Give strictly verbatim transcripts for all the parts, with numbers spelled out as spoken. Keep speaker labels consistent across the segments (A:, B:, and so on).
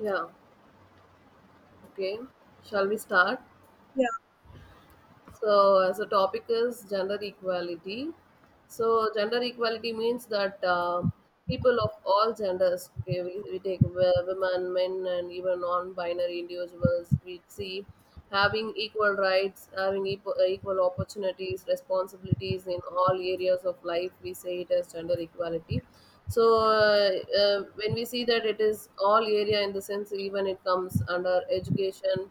A: Yeah, okay. Shall we start?
B: Yeah,
A: So, as a topic is gender equality. So, gender equality means that uh, people of all genders, okay, we, we take wo- women, men, and even non binary individuals, we see having equal rights, having equal, equal opportunities, responsibilities in all areas of life. We say it as gender equality. So uh, uh, when we see that it is all area in the sense even it comes under education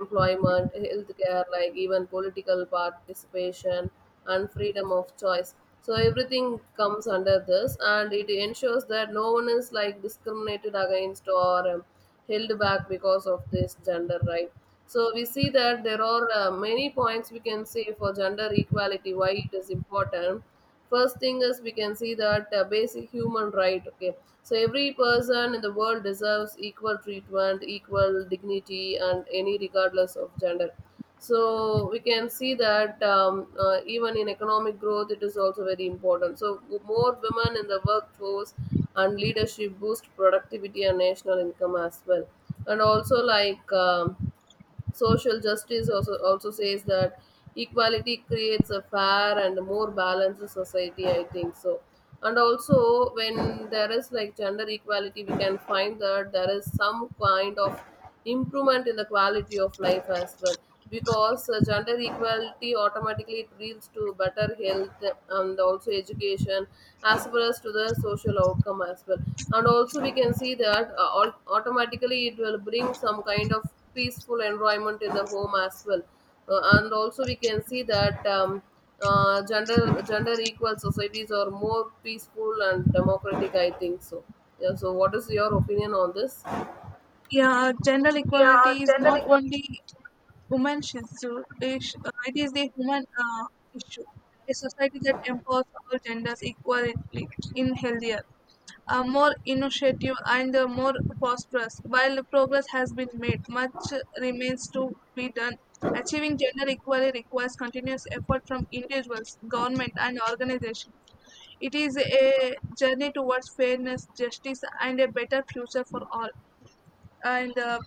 A: employment, healthcare, like even political participation and freedom of choice. So everything comes under this, and it ensures that no one is like discriminated against or um, held back because of this gender right. So we see that there are uh, many points we can say for gender equality why it is important. First thing is we can see that uh, basic human right. Okay, so every person in the world deserves equal treatment, equal dignity, and any regardless of gender. So we can see that um, uh, even in economic growth, it is also very important. So more women in the workforce and leadership boost productivity and national income as well. And also like. Um, social justice also, also says that equality creates a fair and more balanced society, I think so. And also, when there is like gender equality, we can find that there is some kind of improvement in the quality of life as well because uh, gender equality automatically it leads to better health and also education as well as to the social outcome as well, and also we can see that uh, au- automatically it will bring some kind of peaceful environment in the home as well, uh, and also we can see that um, uh, gender gender equal societies are more peaceful and democratic, I think so. Yeah, so what is your opinion on this?
B: yeah. Gender equality is not only women issue. Ish- uh, it is the human uh, issue. A society that empowers all genders equally in healthier, uh, more innovative, and uh, more prosperous. While progress has been made, much remains to be done. Achieving gender equality requires continuous effort from individuals, government, and organizations. It is a journey towards fairness, justice, and a better future for all. And uh,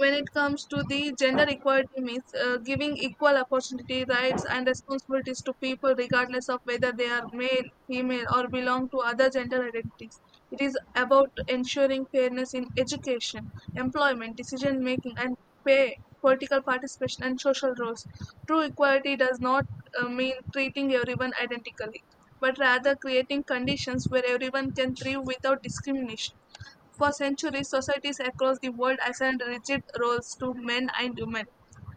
B: When it comes to the gender equality means uh, giving equal opportunity rights and responsibilities to people, regardless of whether they are male, female, or belong to other gender identities. It is about ensuring fairness in education, employment, decision making and pay, political participation, and social roles. True equality does not uh, mean treating everyone identically, but rather creating conditions where everyone can thrive without discrimination. For centuries, societies across the world assigned rigid roles to men and women.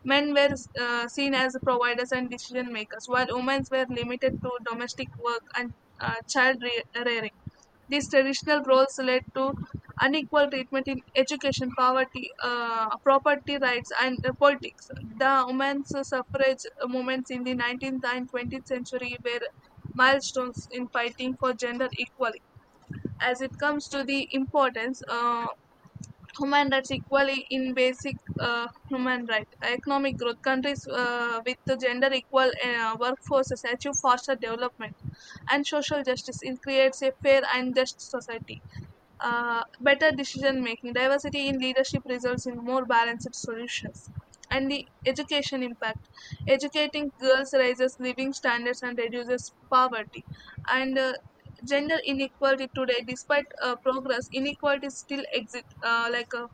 B: Men were uh, seen as providers and decision makers, while women were limited to domestic work and uh, child re- rearing. These traditional roles led to unequal treatment in education, poverty, uh, property rights, and uh, politics. The women's suffrage movements in the nineteenth and twentieth century were milestones in fighting for gender equality. As it comes to the importance, uh, human rights equally in basic uh, human rights. Economic growth countries uh, with the gender equal uh, workforces achieve faster development, and social justice in creates a fair and just society. Uh, better decision making, diversity in leadership results in more balanced solutions. And the education impact. Educating girls raises living standards and reduces poverty. And uh, Gender inequality today, despite uh, progress, inequalities still exist, uh, like uh,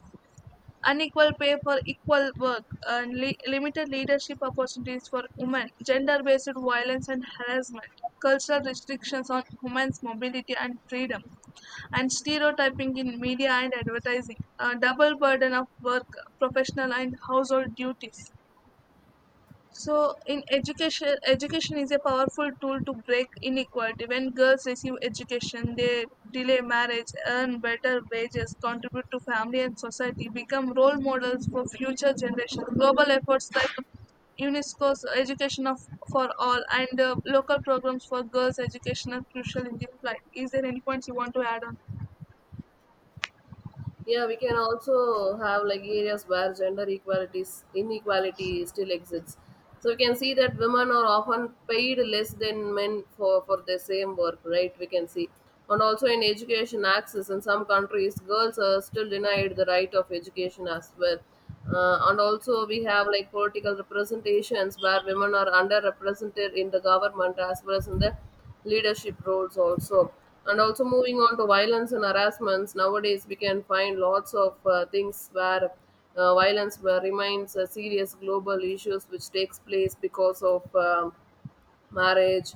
B: unequal pay for equal work, and li- limited leadership opportunities for women, gender based violence and harassment, cultural restrictions on women's mobility and freedom, and stereotyping in media and advertising, a double burden of work, professional and household duties. So, in education, education is a powerful tool to break inequality. When girls receive education, they delay marriage, earn better wages, contribute to family and society, become role models for future generations. Global efforts like UNESCO's Education of, for All, and uh, local programs for girls' education are crucial in this fight. Is there any points you want to add on?
A: Yeah, we can also have like areas where gender equalities inequality still exists. So we can see that women are often paid less than men for, for the same work, right? We can see. And also in education access in some countries, girls are still denied the right of education as well. Uh, and also we have like political representations where women are underrepresented in the government as well as in the leadership roles also. And also moving on to violence and harassments, nowadays we can find lots of uh, things where uh, violence where remains a serious global issues, which takes place because of um marriage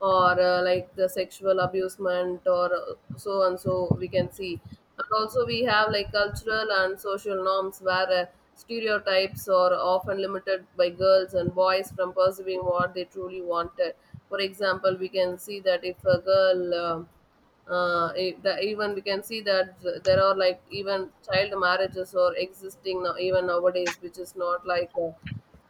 A: or uh, like the sexual abusement or uh, so and so we can see. And also we have like cultural and social norms where uh, stereotypes are often limited by girls and boys from pursuing what they truly wanted. For example, we can see that if a girl um uh, if the, even we can see that th- there are like even child marriages or existing now even nowadays, which is not like uh,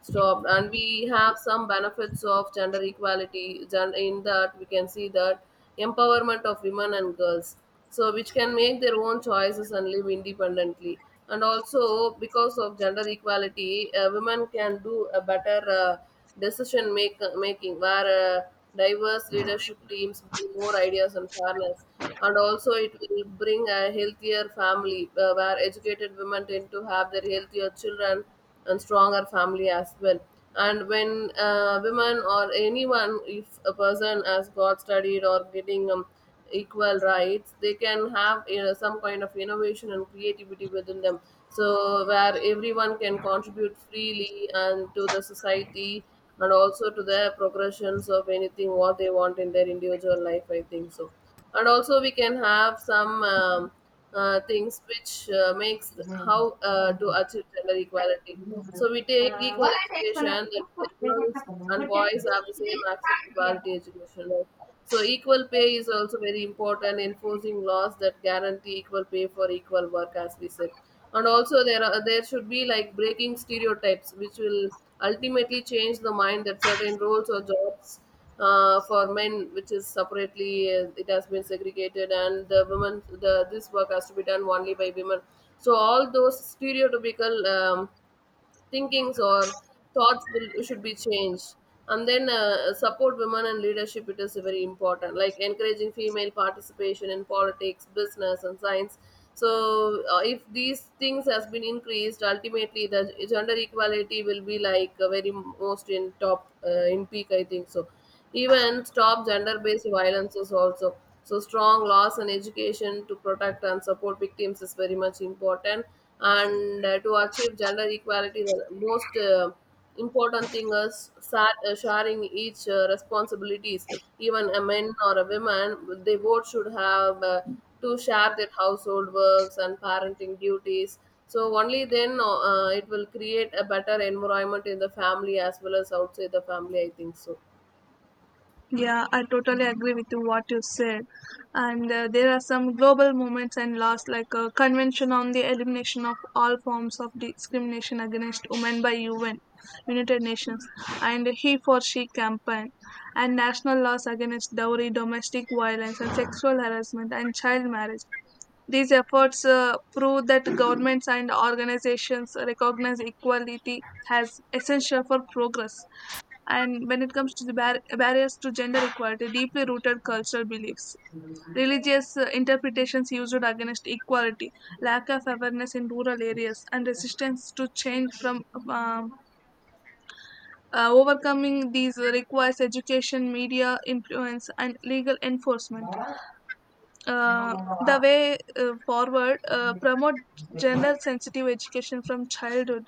A: stopped. And we have some benefits of gender equality, gen- in that we can see that empowerment of women and girls, so which can make their own choices and live independently. And also because of gender equality, uh, women can do a better uh, decision make, making where uh, diverse leadership teams bring more ideas and fairness. And also it will bring a healthier family, uh, where educated women tend to have their healthier children and stronger family as well. And when uh, women or anyone, if a person has got studied or getting um, equal rights, they can have, you know, some kind of innovation and creativity within them. So where everyone can contribute freely and to the society and also to their progressions of anything what they want in their individual life, I think so. And also we can have some. Um, uh, things which uh, makes how uh, to achieve gender equality. So we take
B: Uh,
A: equal
B: what are the external
A: education
B: proof of
A: that
B: what
A: girls
B: happened?
A: and
B: What
A: boys
B: happened?
A: have the same access to quality education, right? So equal pay is also very important. Enforcing laws that guarantee equal pay for equal work, as we said, and also there are there should be like breaking stereotypes, which will ultimately change the mind that certain roles or jobs uh, for men, which is separately uh, it has been segregated, and the women the this work has to be done only by women. So all those stereotypical um, thinkings or thoughts will should be changed. And then uh, support women in leadership. It is very important, like encouraging female participation in politics, business, and science. So uh, if these things has been increased, ultimately the gender equality will be like uh, very most in top uh, in peak, I think so. Even stop gender based violences also. So, strong laws and education to protect and support victims is very much important. And uh, to achieve gender equality, the most uh, important thing is sa- uh, sharing each uh, responsibilities. Even a man or a woman, they both should have uh, to share their household works and parenting duties. So only then uh, it will create a better environment in the family as well as outside the family, I think so.
B: Yeah, I totally agree with you what you said. And uh, There are some global movements and laws like a Convention on the Elimination of All Forms of Discrimination Against Women by U N, United Nations, and He for She campaign, and national laws against dowry, domestic violence, and sexual harassment and child marriage. These efforts uh, prove that governments and organizations recognize equality as essential for progress. And when it comes to the bar- barriers to gender equality, deeply rooted cultural beliefs, religious uh, interpretations used against equality, lack of awareness in rural areas, and resistance to change from um, uh, overcoming these requires education, media influence, and legal enforcement. Uh, the way uh, forward, uh, promote gender sensitive education from childhood,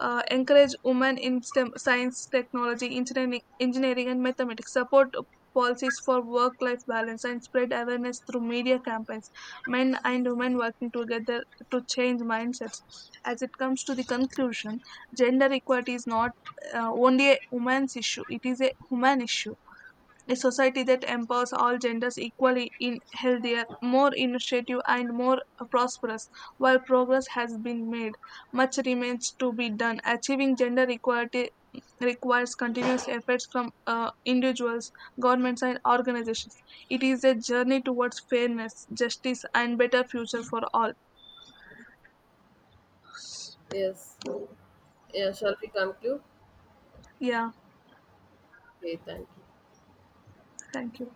B: uh, encourage women in STEM, science, technology, engineering, engineering, and mathematics, support policies for work life balance, and spread awareness through media campaigns. Men and women working together to change mindsets. As it comes to the conclusion, gender equality is not uh, only a woman's issue, it is a human issue. A society that empowers all genders equally is healthier, more innovative, and more prosperous. While progress has been made, much remains to be done. Achieving gender equality requires continuous efforts from uh, individuals, governments, and organizations. It is a journey towards fairness, justice, and better future for all.
A: Yes. Yeah, shall we conclude?
B: Yeah,
A: Okay, thank you.
B: thank you.